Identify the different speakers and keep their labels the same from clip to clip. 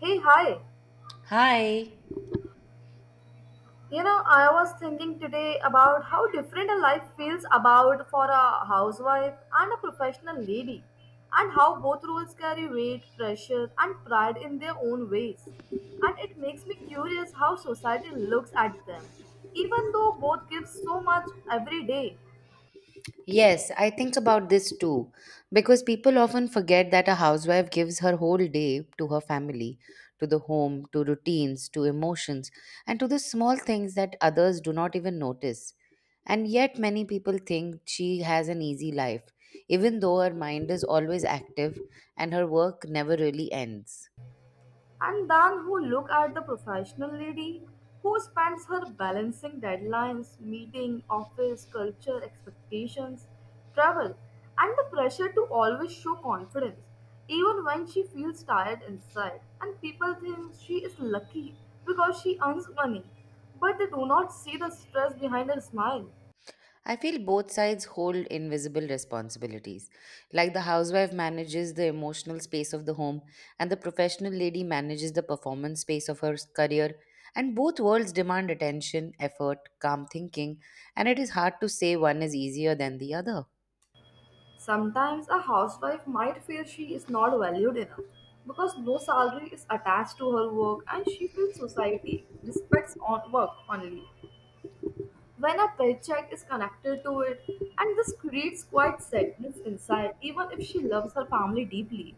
Speaker 1: Hey, hi.
Speaker 2: Hi.
Speaker 1: You know, I was thinking today about how different a life feels about for a housewife and a professional lady, and how both roles carry weight, pressure, and pride in their own ways. And it makes me curious how society looks at them, even though both give so much every day.
Speaker 2: Yes, I think about this too, because people often forget that a housewife gives her whole day to her family, to the home, to routines, to emotions, and to the small things that others do not even notice. And yet, many people think she has an easy life, even though her mind is always active and her work never really ends.
Speaker 1: And then who look at the professional lady who spends her balancing deadlines, meeting, office, culture, expectations, travel, and the pressure to always show confidence, even when she feels tired inside. And people think she is lucky because she earns money, but they do not see the stress behind her smile.
Speaker 2: I feel both sides hold invisible responsibilities. Like the housewife manages the emotional space of the home, and the professional lady manages the performance space of her career. And both worlds demand attention, effort, calm thinking, and it is hard to say one is easier than the other.
Speaker 1: Sometimes a housewife might feel she is not valued enough because no salary is attached to her work and she feels society respects on work only when a paycheck is connected to it and this creates quite sadness inside even if she loves her family deeply.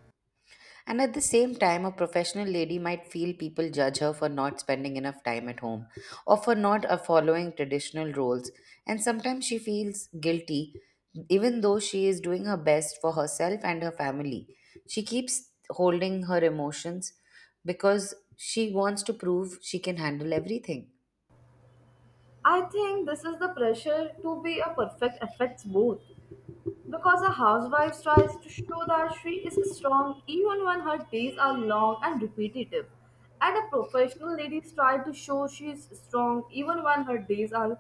Speaker 2: And at the same time, a professional lady might feel people judge her for not spending enough time at home or for not following traditional roles. And sometimes she feels guilty, even though she is doing her best for herself and her family. She keeps holding her emotions because she wants to prove she can handle everything.
Speaker 1: I think this is the pressure to be a perfect affects both. Because a housewife tries to show that she is strong even when her days are long and repetitive. And a professional lady tries to show she is strong even when her days are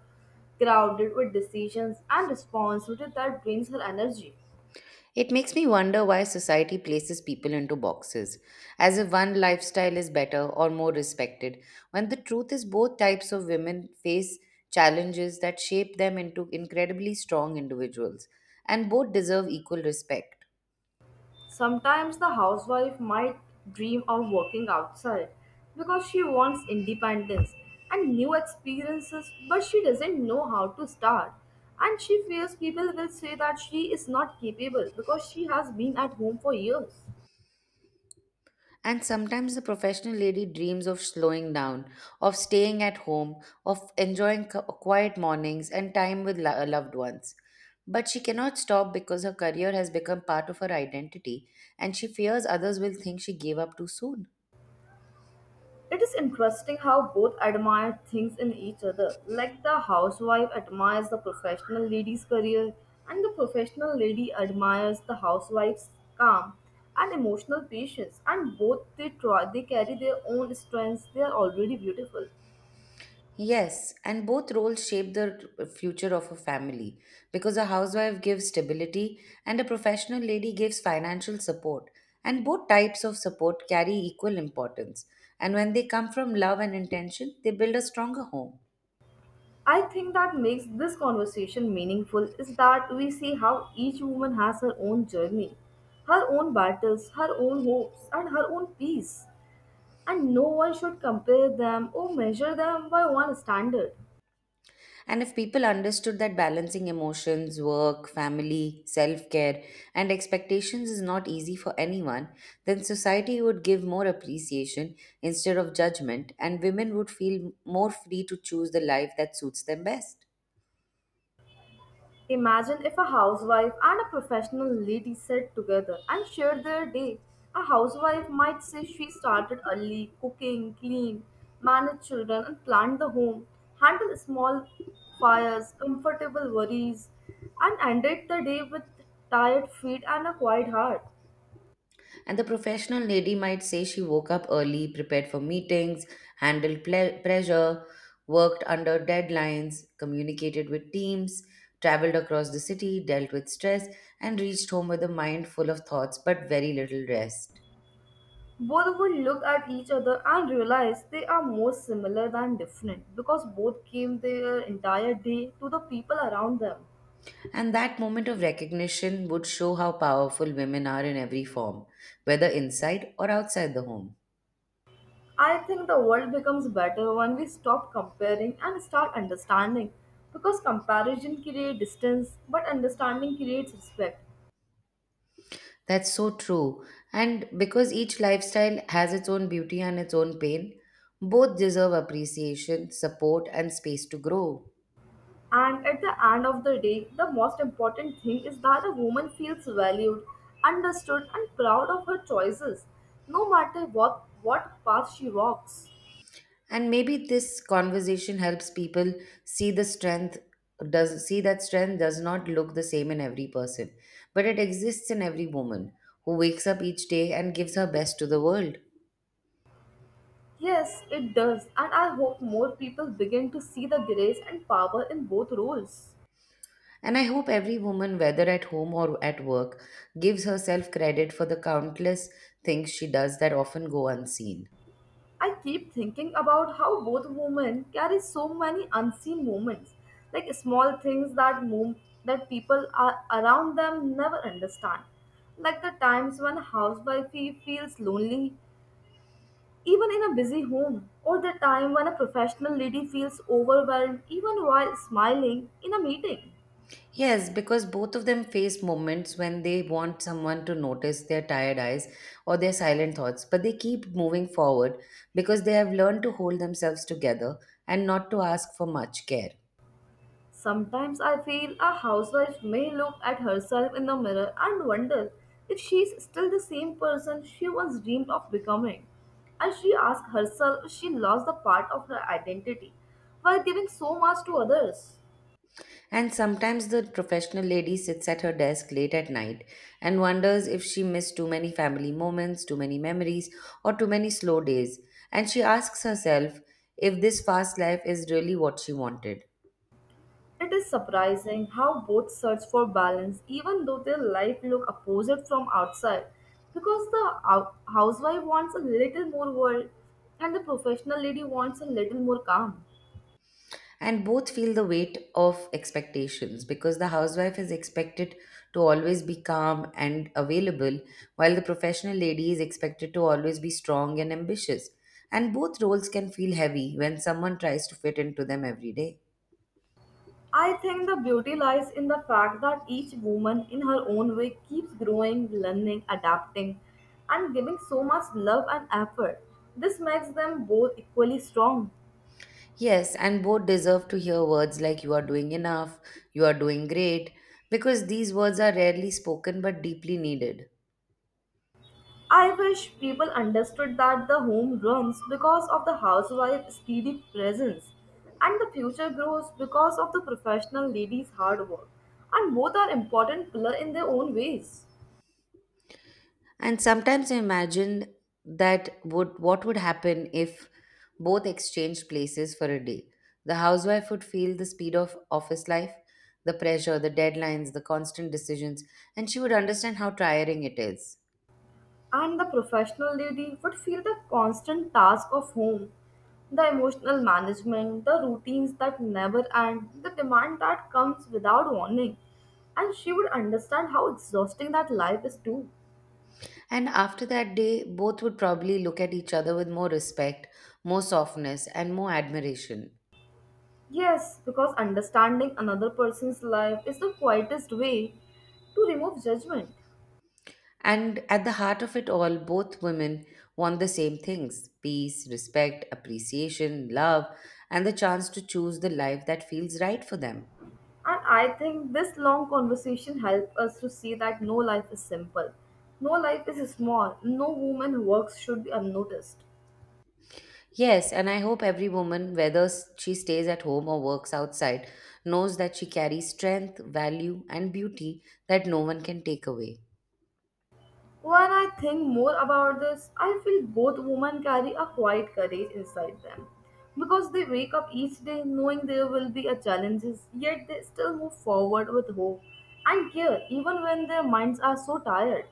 Speaker 1: crowded with decisions and responsibility that drains her energy.
Speaker 2: It makes me wonder why society places people into boxes, as if one lifestyle is better or more respected, when the truth is both types of women face challenges that shape them into incredibly strong individuals, and both deserve equal respect.
Speaker 1: Sometimes the housewife might dream of working outside because she wants independence and new experiences, but she doesn't know how to start. And she fears people will say that she is not capable because she has been at home for years.
Speaker 2: And sometimes the professional lady dreams of slowing down, of staying at home, of enjoying quiet mornings and time with loved ones. But she cannot stop because her career has become part of her identity and she fears others will think she gave up too soon.
Speaker 1: It is interesting how both admire things in each other. Like the housewife admires the professional lady's career, and the professional lady admires the housewife's calm and emotional patience. And both they carry their own strengths. They are already beautiful.
Speaker 2: Yes, and both roles shape the future of a family because a housewife gives stability and a professional lady gives financial support. And both types of support carry equal importance. And when they come from love and intention, they build a stronger home.
Speaker 1: I think that makes this conversation meaningful is that we see how each woman has her own journey, her own battles, her own hopes, and her own peace. And no one should compare them or measure them by one standard.
Speaker 2: And if people understood that balancing emotions, work, family, self care, and expectations is not easy for anyone, then society would give more appreciation instead of judgment, and women would feel more free to choose the life that suits them best.
Speaker 1: Imagine if a housewife and a professional lady sat together and shared their day. A housewife might say she started early, cooking, clean, managed children, and planned the home, handled small fires, comfortable worries, and ended the day with tired feet and a quiet heart.
Speaker 2: And the professional lady might say she woke up early, prepared for meetings, handled pressure, worked under deadlines, communicated with teams, traveled across the city, dealt with stress, and reached home with a mind full of thoughts but very little rest.
Speaker 1: Both would look at each other and realize they are more similar than different because both gave their entire day to the people around them.
Speaker 2: And that moment of recognition would show how powerful women are in every form, whether inside or outside the home.
Speaker 1: I think the world becomes better when we stop comparing and start understanding because comparison creates distance but understanding creates respect.
Speaker 2: That's so true. And because each lifestyle has its own beauty and its own pain, both deserve appreciation, support, and space to grow.
Speaker 1: And at the end of the day, the most important thing is that a woman feels valued, understood, and proud of her choices, no matter what path she walks.
Speaker 2: And maybe this conversation helps people see the strength does see that strength does not look the same in every person, but it exists in every woman who wakes up each day and gives her best to the world.
Speaker 1: Yes, it does, and I hope more people begin to see the grace and power in both roles.
Speaker 2: And I hope every woman, whether at home or at work, gives herself credit for the countless things she does that often go unseen.
Speaker 1: I keep thinking about how both women carry so many unseen moments, like small things that move that people are around them never understand, like the times when a housewife feels lonely, even in a busy home, or the time when a professional lady feels overwhelmed even while smiling in a meeting.
Speaker 2: Yes, because both of them face moments when they want someone to notice their tired eyes or their silent thoughts, but they keep moving forward because they have learned to hold themselves together and not to ask for much care.
Speaker 1: Sometimes I feel a housewife may look at herself in the mirror and wonder if she's still the same person she once dreamed of becoming. And she asks herself if she lost the part of her identity while giving so much to others.
Speaker 2: And sometimes the professional lady sits at her desk late at night and wonders if she missed too many family moments, too many memories, or too many slow days. And she asks herself if this fast life is really what she wanted.
Speaker 1: It is surprising how both search for balance even though their life look opposite from outside because the housewife wants a little more world and the professional lady wants a little more calm.
Speaker 2: And both feel the weight of expectations because the housewife is expected to always be calm and available, while the professional lady is expected to always be strong and ambitious, and both roles can feel heavy when someone tries to fit into them every day.
Speaker 1: I think the beauty lies in the fact that each woman, in her own way, keeps growing, learning, adapting, and giving so much love and effort. This makes them both equally strong.
Speaker 2: Yes, and both deserve to hear words like, you are doing enough, you are doing great, because these words are rarely spoken but deeply needed.
Speaker 1: I wish people understood that the home runs because of the housewife's steady presence, and the future grows because of the professional lady's hard work. And both are important pillar in their own ways.
Speaker 2: And sometimes I imagine that would what would happen if both exchanged places for a day. The housewife would feel the speed of office life, the pressure, the deadlines, the constant decisions, and she would understand how tiring it is.
Speaker 1: And the professional lady would feel the constant task of home, the emotional management, the routines that never end, the demand that comes without warning. And she would understand how exhausting that life is too.
Speaker 2: And after that day, both would probably look at each other with more respect, more softness, and more admiration.
Speaker 1: Yes, because understanding another person's life is the quietest way to remove judgment.
Speaker 2: And at the heart of it all, both women want the same things: peace, respect, appreciation, love, and the chance to choose the life that feels right for them.
Speaker 1: And I think this long conversation helped us to see that no life is simple, no life is small, no woman who works should be unnoticed.
Speaker 2: Yes, and I hope every woman, whether she stays at home or works outside, knows that she carries strength, value, and beauty that no one can take away.
Speaker 1: When I think more about this, I feel both women carry a quiet courage inside them because they wake up each day knowing there will be a challenges, yet they still move forward with hope and care even when their minds are so tired.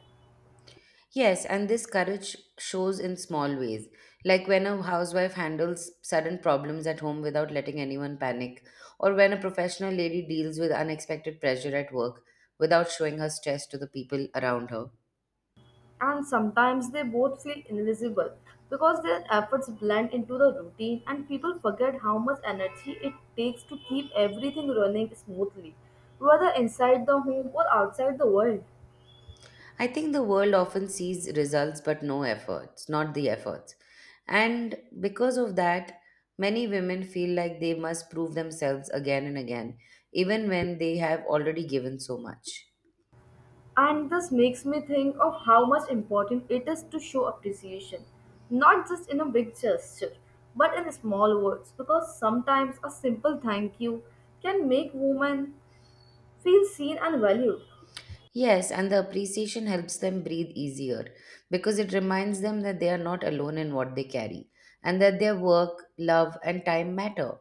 Speaker 2: Yes, and this courage shows in small ways, like when a housewife handles sudden problems at home without letting anyone panic, or when a professional lady deals with unexpected pressure at work without showing her stress to the people around her.
Speaker 1: And sometimes they both feel invisible because their efforts blend into the routine and people forget how much energy it takes to keep everything running smoothly, whether inside the home or outside the world.
Speaker 2: I think the world often sees results but no efforts, not the efforts. And because of that, many women feel like they must prove themselves again and again, even when they have already given so much.
Speaker 1: And this makes me think of how much important it is to show appreciation, not just in a big gesture, but in small words, because sometimes a simple thank you can make women feel seen and valued.
Speaker 2: Yes, and the appreciation helps them breathe easier because it reminds them that they are not alone in what they carry and that their work, love, and time matter.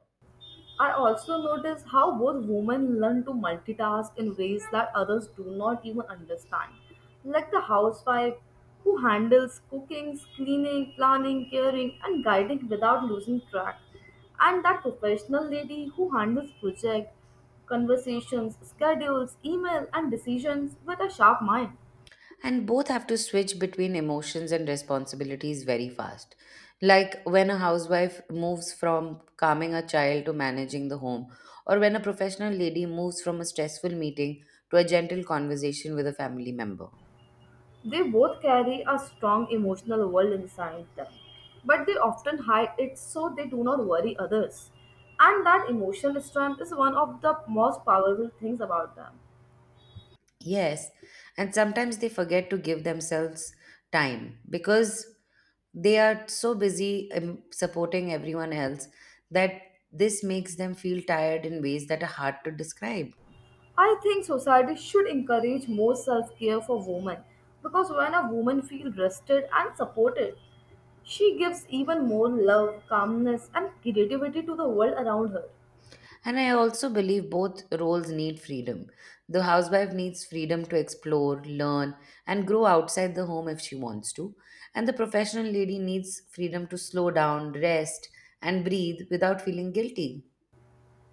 Speaker 1: I also notice how both women learn to multitask in ways that others do not even understand. Like the housewife who handles cooking, cleaning, planning, caring, and guiding without losing track. And that professional lady who handles project, conversations, schedules, email, and decisions with a sharp mind.
Speaker 2: And both have to switch between emotions and responsibilities very fast. Like when a housewife moves from calming a child to managing the home, or when a professional lady moves from a stressful meeting to a gentle conversation with a family member.
Speaker 1: They both carry a strong emotional world inside them, but they often hide it so they do not worry others. And that emotional strength is one of the most powerful things about them.
Speaker 2: Yes, and sometimes they forget to give themselves time because they are so busy supporting everyone else, that this makes them feel tired in ways that are hard to describe.
Speaker 1: I think society should encourage more self care for women because when a woman feels rested and supported, she gives even more love, calmness, and creativity to the world around her.
Speaker 2: And I also believe both roles need freedom. The housewife needs freedom to explore, learn, and grow outside the home if she wants to. And the professional lady needs freedom to slow down, rest, and breathe without feeling guilty.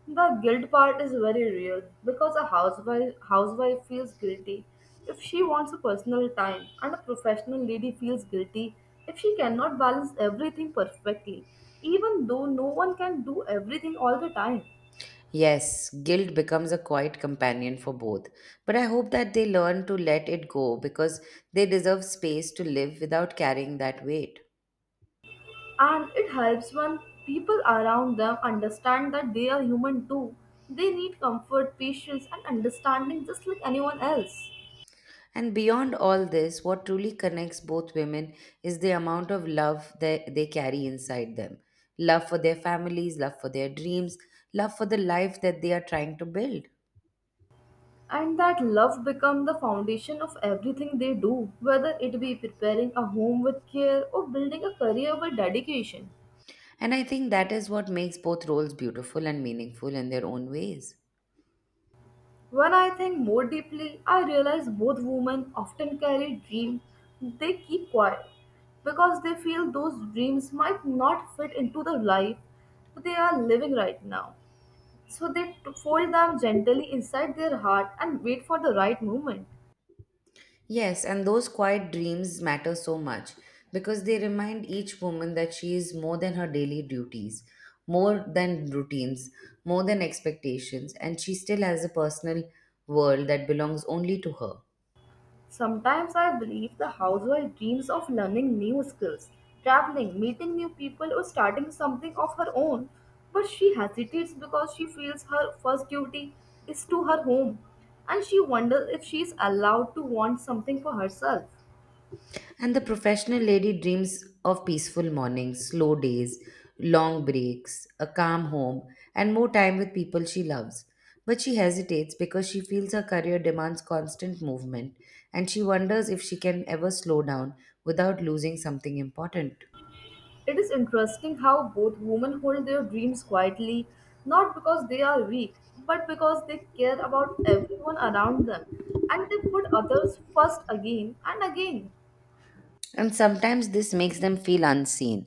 Speaker 1: The guilt part is very real because a housewife feels guilty if she wants a personal time, and a professional lady feels guilty if she cannot balance everything perfectly, even though no one can do everything all the time.
Speaker 2: Yes, guilt becomes a quiet companion for both. But I hope that they learn to let it go, because they deserve space to live without carrying that weight.
Speaker 1: And it helps when people around them understand that they are human too. They need comfort, patience, and understanding just like anyone else.
Speaker 2: And beyond all this, what truly connects both women is the amount of love they carry inside them: love for their families, love for their dreams, love for the life that they are trying to build.
Speaker 1: And that love become the foundation of everything they do whether it be preparing a home with care or building a career with dedication.
Speaker 2: And I think that is what makes both roles beautiful and meaningful in their own ways.
Speaker 1: When I think more deeply I realize both women often carry dreams they keep quiet because they feel those dreams might not fit into the life they are living right now so they fold them gently inside their heart and wait for the right moment.
Speaker 2: Yes, and those quiet dreams matter so much because they remind each woman that she is more than her daily duties, more than routines, more than expectations, and she still has a personal world that belongs only to her.
Speaker 1: Sometimes I believe the housewife dreams of learning new skills, traveling, meeting new people, or starting something of her own. But she hesitates because she feels her first duty is to her home and she wonders if she is allowed to want something for herself.
Speaker 2: And the professional lady dreams of peaceful mornings, slow days, long breaks, a calm home, and more time with people she loves. But she hesitates because she feels her career demands constant movement, and she wonders if she can ever slow down without losing something important.
Speaker 1: It is interesting how both women hold their dreams quietly, not because they are weak, but because they care about everyone around them and they put others first again and again.
Speaker 2: And sometimes this makes them feel unseen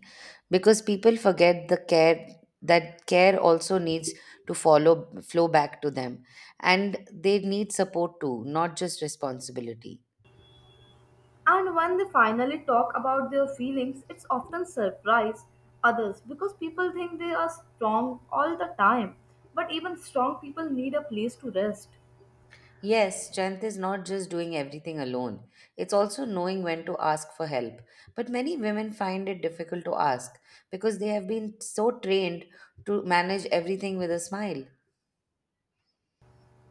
Speaker 2: because people forget the care that care also needs to follow flow back to them, and they need support too, not just responsibility.
Speaker 1: And when they finally talk about their feelings, it's often surprise others because people think they are strong all the time. But even strong people need a place to rest.
Speaker 2: Yes, strength is not just doing everything alone. It's also knowing when to ask for help. But many women find it difficult to ask because they have been so trained to manage everything with a smile.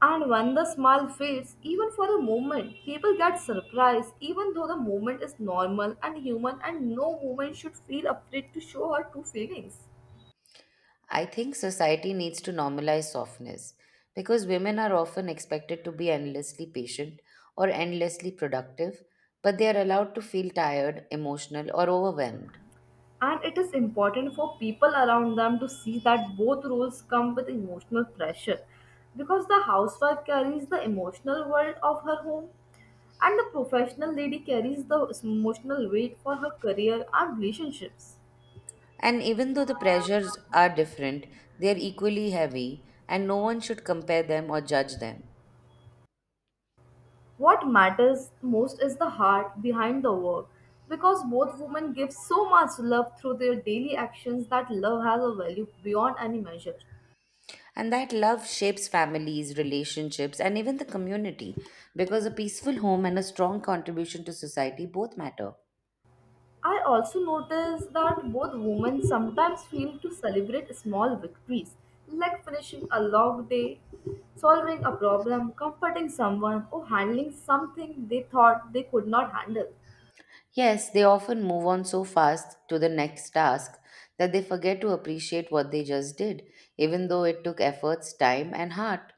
Speaker 1: And when the smile fades, even for a moment, people get surprised, even though the moment is normal and human, and no woman should feel afraid to show her true feelings.
Speaker 2: I think society needs to normalize softness, because women are often expected to be endlessly patient or endlessly productive, but they are allowed to feel tired, emotional, or overwhelmed.
Speaker 1: And it is important for people around them to see that both roles come with emotional pressure because the housewife carries the emotional world of her home and the professional lady carries the emotional weight for her career and relationships.
Speaker 2: And even though the pressures are different, they are equally heavy, and no one should compare them or judge them.
Speaker 1: What matters most is the heart behind the work because both women give so much love through their daily actions that love has a value beyond any measure.
Speaker 2: And that love shapes families, relationships, and even the community, because a peaceful home and a strong contribution to society both matter.
Speaker 1: I also notice that both women sometimes fail to celebrate small victories, like finishing a long day, solving a problem, comforting someone, or handling something they thought they could not handle.
Speaker 2: Yes, they often move on so fast to the next task that they forget to appreciate what they just did, even though it took efforts, time, and heart.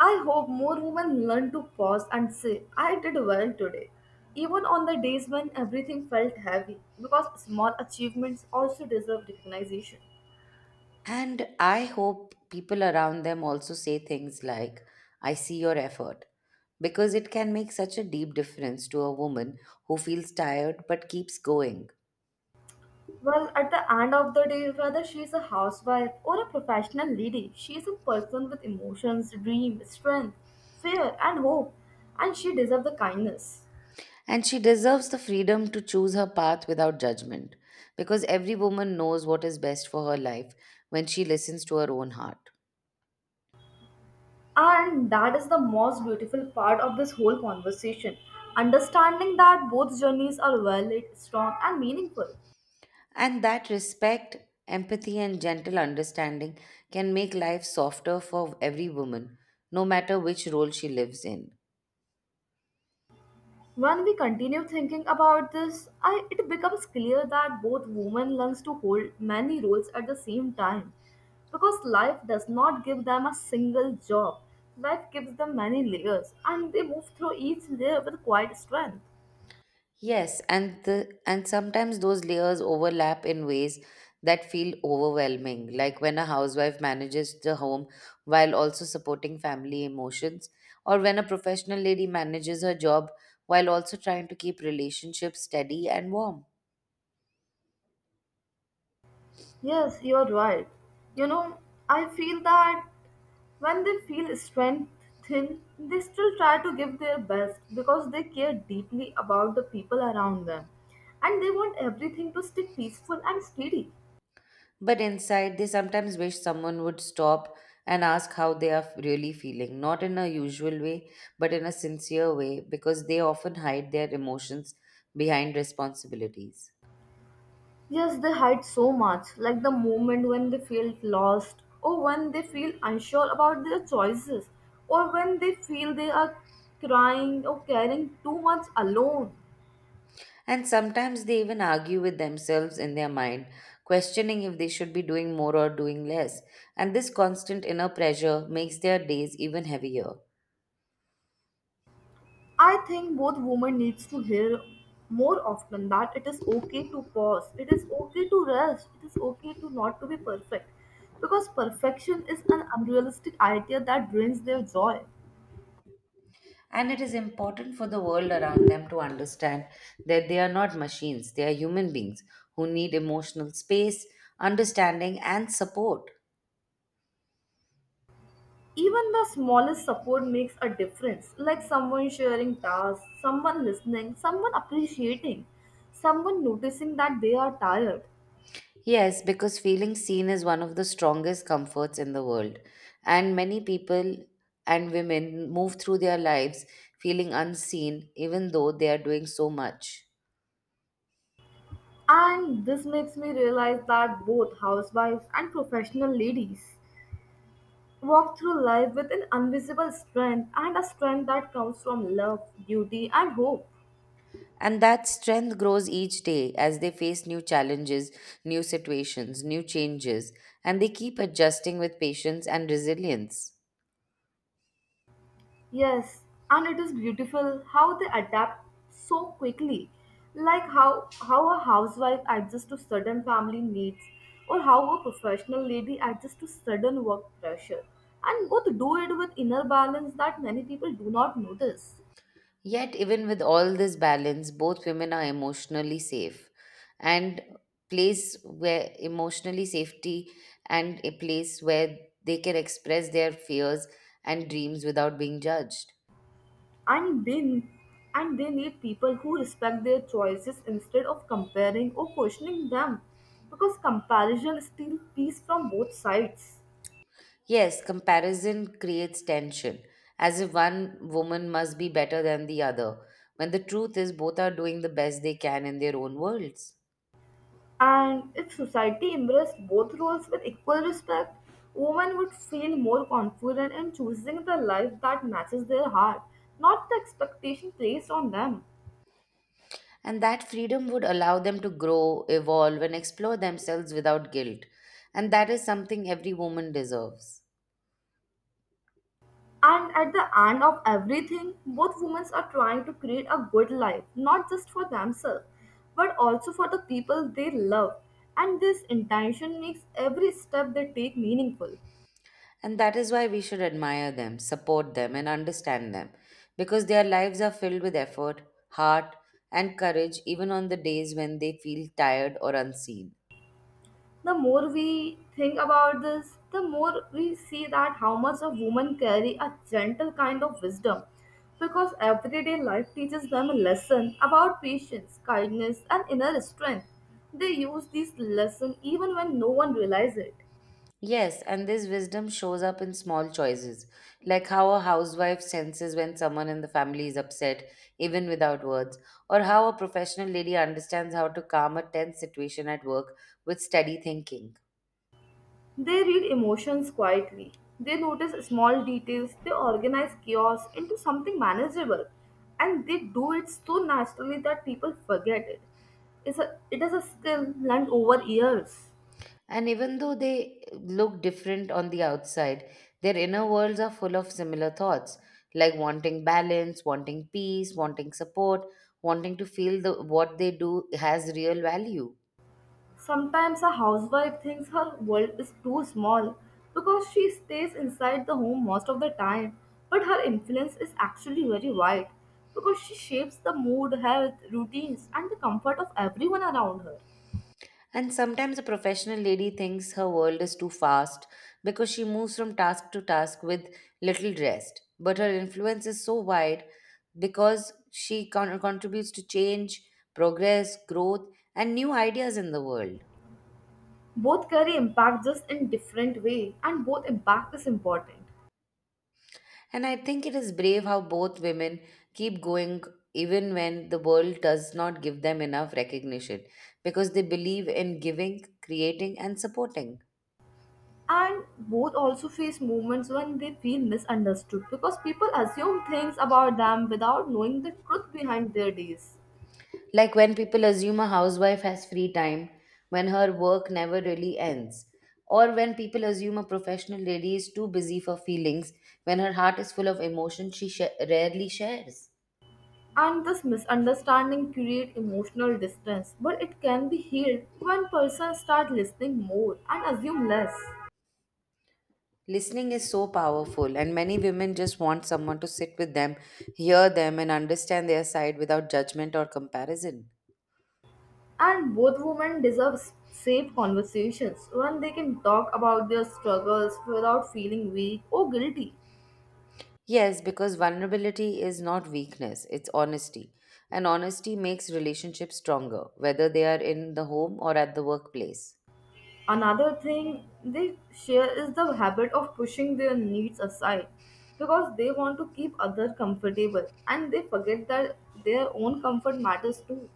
Speaker 1: I hope more women learn to pause and say, I did well today, even on the days when everything felt heavy, because small achievements also deserve recognition.
Speaker 2: And I hope people around them also say things like, I see your effort, because it can make such a deep difference to a woman who feels tired but keeps going.
Speaker 1: Well, at the end of the day, whether she is a housewife or a professional lady, she is a person with emotions, dream, strength, fear, and hope, and she deserves the kindness.
Speaker 2: And she deserves the freedom to choose her path without judgment, because every woman knows what is best for her life when she listens to her own heart.
Speaker 1: And that is the most beautiful part of this whole conversation understanding that both journeys are valid, strong, and meaningful.
Speaker 2: And that respect, empathy, and gentle understanding can make life softer for every woman, no matter which role she lives in.
Speaker 1: When we continue thinking about this, it becomes clear that both women learn to hold many roles at the same time because life does not give them a single job. Life gives them many layers and they move through each layer with quiet strength.
Speaker 2: Yes, and sometimes those layers overlap in ways that feel overwhelming, like when a housewife manages the home while also supporting family emotions, or when a professional lady manages her job while also trying to keep relationships steady and warm.
Speaker 1: Yes, you're right. You know, I feel that when they feel strength thin, they still try to give their best because they care deeply about the people around them and they want everything to stay peaceful and steady.
Speaker 2: But inside, they sometimes wish someone would stop and ask how they are really feeling, not in a usual way, but in a sincere way, because they often hide their emotions behind responsibilities.
Speaker 1: Yes, they hide so much, like the moment when they feel lost or when they feel unsure about their choices or when they feel they are crying or caring too much alone.
Speaker 2: And sometimes they even argue with themselves in their mind, questioning if they should be doing more or doing less. And this constant inner pressure makes their days even heavier.
Speaker 1: I think both women needs to hear more often that it is okay to pause, it is okay to rest, it is okay to not to be perfect. Because perfection is an unrealistic idea that drains their joy.
Speaker 2: And it is important for the world around them to understand that they are not machines, they are human beings who need emotional space, understanding, and support.
Speaker 1: Even the smallest support makes a difference, like someone sharing tasks, someone listening, someone appreciating, someone noticing that they are tired.
Speaker 2: Yes, because feeling seen is one of the strongest comforts in the world. And many people and women move through their lives feeling unseen, even though they are doing so much.
Speaker 1: And this makes me realize that both housewives and professional ladies walk through life with an invisible strength and a strength that comes from love, duty, and hope.
Speaker 2: And that strength grows each day as they face new challenges, new situations, new changes, and they keep adjusting with patience and resilience.
Speaker 1: Yes, and it is beautiful how they adapt so quickly. Like how a housewife adjusts to sudden family needs, or how a professional lady adjusts to sudden work pressure. And both do it with inner balance that many people do not notice.
Speaker 2: Yet, even with all this balance, both women are emotionally safe, and place where emotionally safety and a place where they can express their fears and dreams without being judged.
Speaker 1: and they and they need people who respect their choices instead of comparing or questioning them, because comparison steals peace from both sides.
Speaker 2: Yes, comparison creates tension, as if one woman must be better than the other, when the truth is both are doing the best they can in their own worlds.
Speaker 1: And if society embraced both roles with equal respect, women would feel more confident in choosing the life that matches their heart, not the expectation placed on them.
Speaker 2: And that freedom would allow them to grow, evolve, and explore themselves without guilt. And that is something every woman deserves.
Speaker 1: And at the end of everything, both women are trying to create a good life, not just for themselves, but also for the people they love. And this intention makes every step they take meaningful.
Speaker 2: And that is why we should admire them, support them, and understand them, because their lives are filled with effort, heart, and courage, even on the days when they feel tired or unseen.
Speaker 1: The more we think about this, the more we see that how much a woman carry a gentle kind of wisdom, because everyday life teaches them a lesson about patience, kindness and inner strength. They use these lessons even when no one realizes it.
Speaker 2: Yes, and this wisdom shows up in small choices, like how a housewife senses when someone in the family is upset, even without words, or how a professional lady understands how to calm a tense situation at work with steady thinking.
Speaker 1: They read emotions quietly. They notice small details. They organize chaos into something manageable. And they do it so naturally that people forget it. It is a skill learned over years.
Speaker 2: And even though they look different on the outside, their inner worlds are full of similar thoughts, like wanting balance, wanting peace, wanting support, wanting to feel the, what they do has real value.
Speaker 1: Sometimes a housewife thinks her world is too small because she stays inside the home most of the time, but her influence is actually very wide because she shapes the mood, health, routines, and the comfort of everyone around her.
Speaker 2: And sometimes a professional lady thinks her world is too fast because she moves from task to task with little rest. But her influence is so wide because she contributes to change, progress, growth, and new ideas in the world.
Speaker 1: Both carry impact just in different way and both impact is important.
Speaker 2: And I think it is brave how both women keep going even when the world does not give them enough recognition because they believe in giving, creating, and supporting.
Speaker 1: And both also face moments when they feel misunderstood because people assume things about them without knowing the truth behind their deeds.
Speaker 2: Like when people assume a housewife has free time, when her work never really ends, or when people assume a professional lady is too busy for feelings, when her heart is full of emotion she rarely shares.
Speaker 1: And this misunderstanding create emotional distance, but it can be healed when persons start listening more and assume less.
Speaker 2: Listening is so powerful, and many women just want someone to sit with them, hear them, and understand their side without judgment or comparison.
Speaker 1: And both women deserve safe conversations when they can talk about their struggles without feeling weak or guilty.
Speaker 2: Yes, because vulnerability is not weakness, it's honesty. And honesty makes relationships stronger, whether they are in the home or at the workplace.
Speaker 1: Another thing they share is the habit of pushing their needs aside because they want to keep others comfortable and they forget that their own comfort matters too.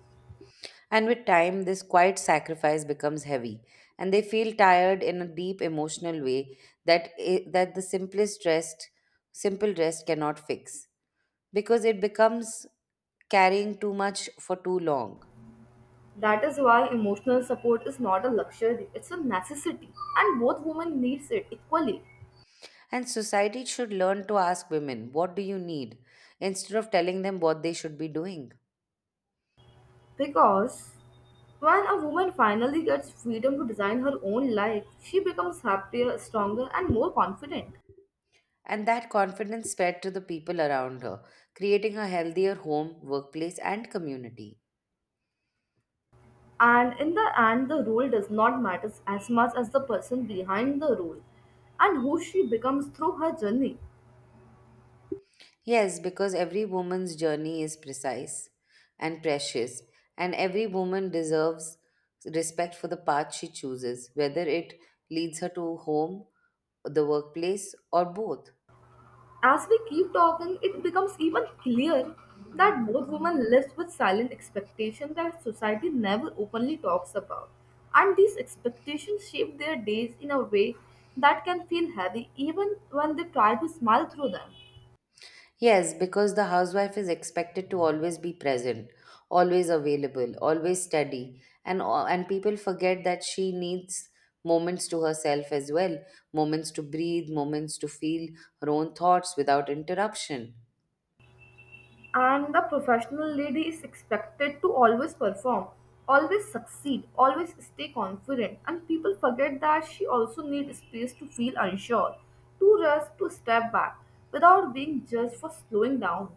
Speaker 2: And with time, this quiet sacrifice becomes heavy, and they feel tired in a deep emotional way that the simplest rest, simple rest cannot fix because it becomes carrying too much for too long.
Speaker 1: That is why emotional support is not a luxury, it's a necessity, and both women needs it equally.
Speaker 2: And society should learn to ask women, what do you need? Instead of telling them what they should be doing.
Speaker 1: Because when a woman finally gets freedom to design her own life, she becomes happier, stronger and more confident.
Speaker 2: And that confidence spread to the people around her, creating a healthier home, workplace, and community.
Speaker 1: And in the end, the role does not matter as much as the person behind the role and who she becomes through her journey.
Speaker 2: Yes, because every woman's journey is precise and precious, and every woman deserves respect for the path she chooses, whether it leads her to home, the workplace, or both.
Speaker 1: As we keep talking, it becomes even clear that both women live with silent expectations that society never openly talks about. And these expectations shape their days in a way that can feel heavy even when they try to smile through them.
Speaker 2: Yes, because the housewife is expected to always be present, always available, always steady, and and people forget that she needs moments to herself as well, moments to breathe, moments to feel her own thoughts without interruption.
Speaker 1: And the professional lady is expected to always perform, always succeed, always stay confident, and people forget that she also needs space to feel unsure, to rest, to step back, without being judged for slowing down.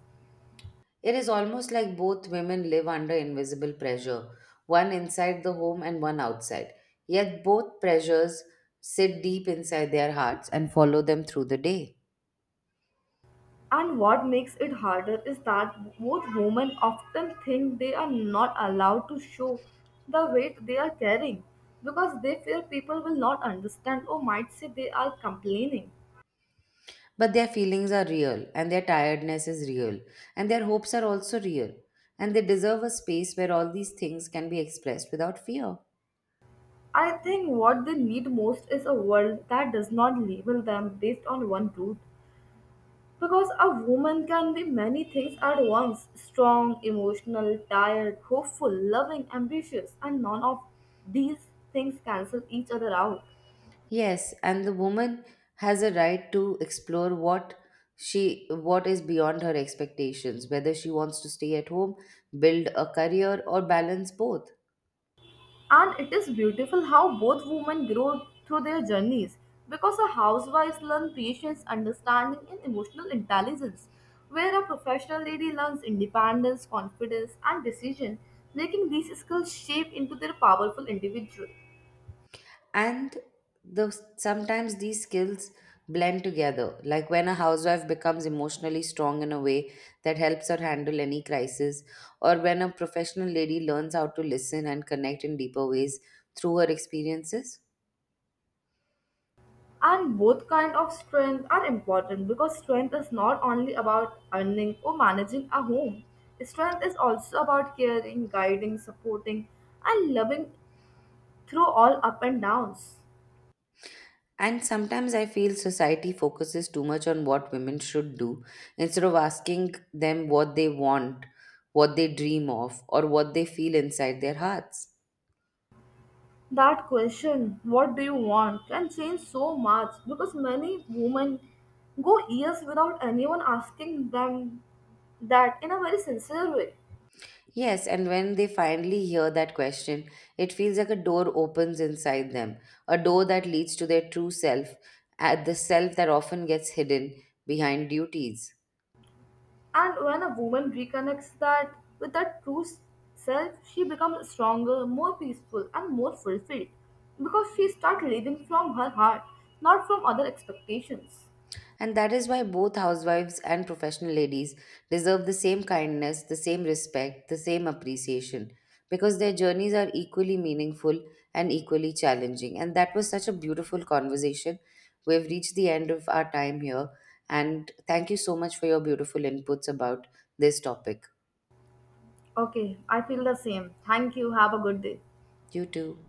Speaker 2: It is almost like both women live under invisible pressure, one inside the home and one outside. Yet both pressures sit deep inside their hearts and follow them through the day.
Speaker 1: And what makes it harder is that both women often think they are not allowed to show the weight they are carrying because they fear people will not understand or might say they are complaining.
Speaker 2: But their feelings are real, and their tiredness is real, and their hopes are also real. And they deserve a space where all these things can be expressed without fear.
Speaker 1: I think what they need most is a world that does not label them based on one route. Because a woman can be many things at once: strong, emotional, tired, hopeful, loving, ambitious, and none of these things cancel each other out.
Speaker 2: Yes, and the woman has a right to explore what is beyond her expectations, whether she wants to stay at home, build a career or balance both.
Speaker 1: And it is beautiful how both women grow through their journeys, because a housewife learns patience, understanding, and emotional intelligence, where a professional lady learns independence, confidence, and decision making. These skills shape into their powerful individual.
Speaker 2: And the sometimes these skills blend together, like when a housewife becomes emotionally strong in a way that helps her handle any crisis, or when a professional lady learns how to listen and connect in deeper ways through her experiences.
Speaker 1: And both kind of strength are important because strength is not only about earning or managing a home. Strength is also about caring, guiding, supporting, and loving through all up and downs.
Speaker 2: And sometimes I feel society focuses too much on what women should do instead of asking them what they want, what they dream of, or what they feel inside their hearts.
Speaker 1: That question, what do you want, can change so much because many women go years without anyone asking them that in a very sincere way.
Speaker 2: Yes, and when they finally hear that question, it feels like a door opens inside them, a door that leads to their true self, at the self that often gets hidden behind duties.
Speaker 1: And when a woman reconnects that with her true self, she becomes stronger, more peaceful, and more fulfilled because she starts living from her heart, not from other expectations.
Speaker 2: And that is why both housewives and professional ladies deserve the same kindness, the same respect, the same appreciation, because their journeys are equally meaningful and equally challenging. And that was such a beautiful conversation. We've reached the end of our time here. And thank you so much for your beautiful inputs about this topic.
Speaker 1: Okay, I feel the same. Thank you. Have a good day.
Speaker 2: You too.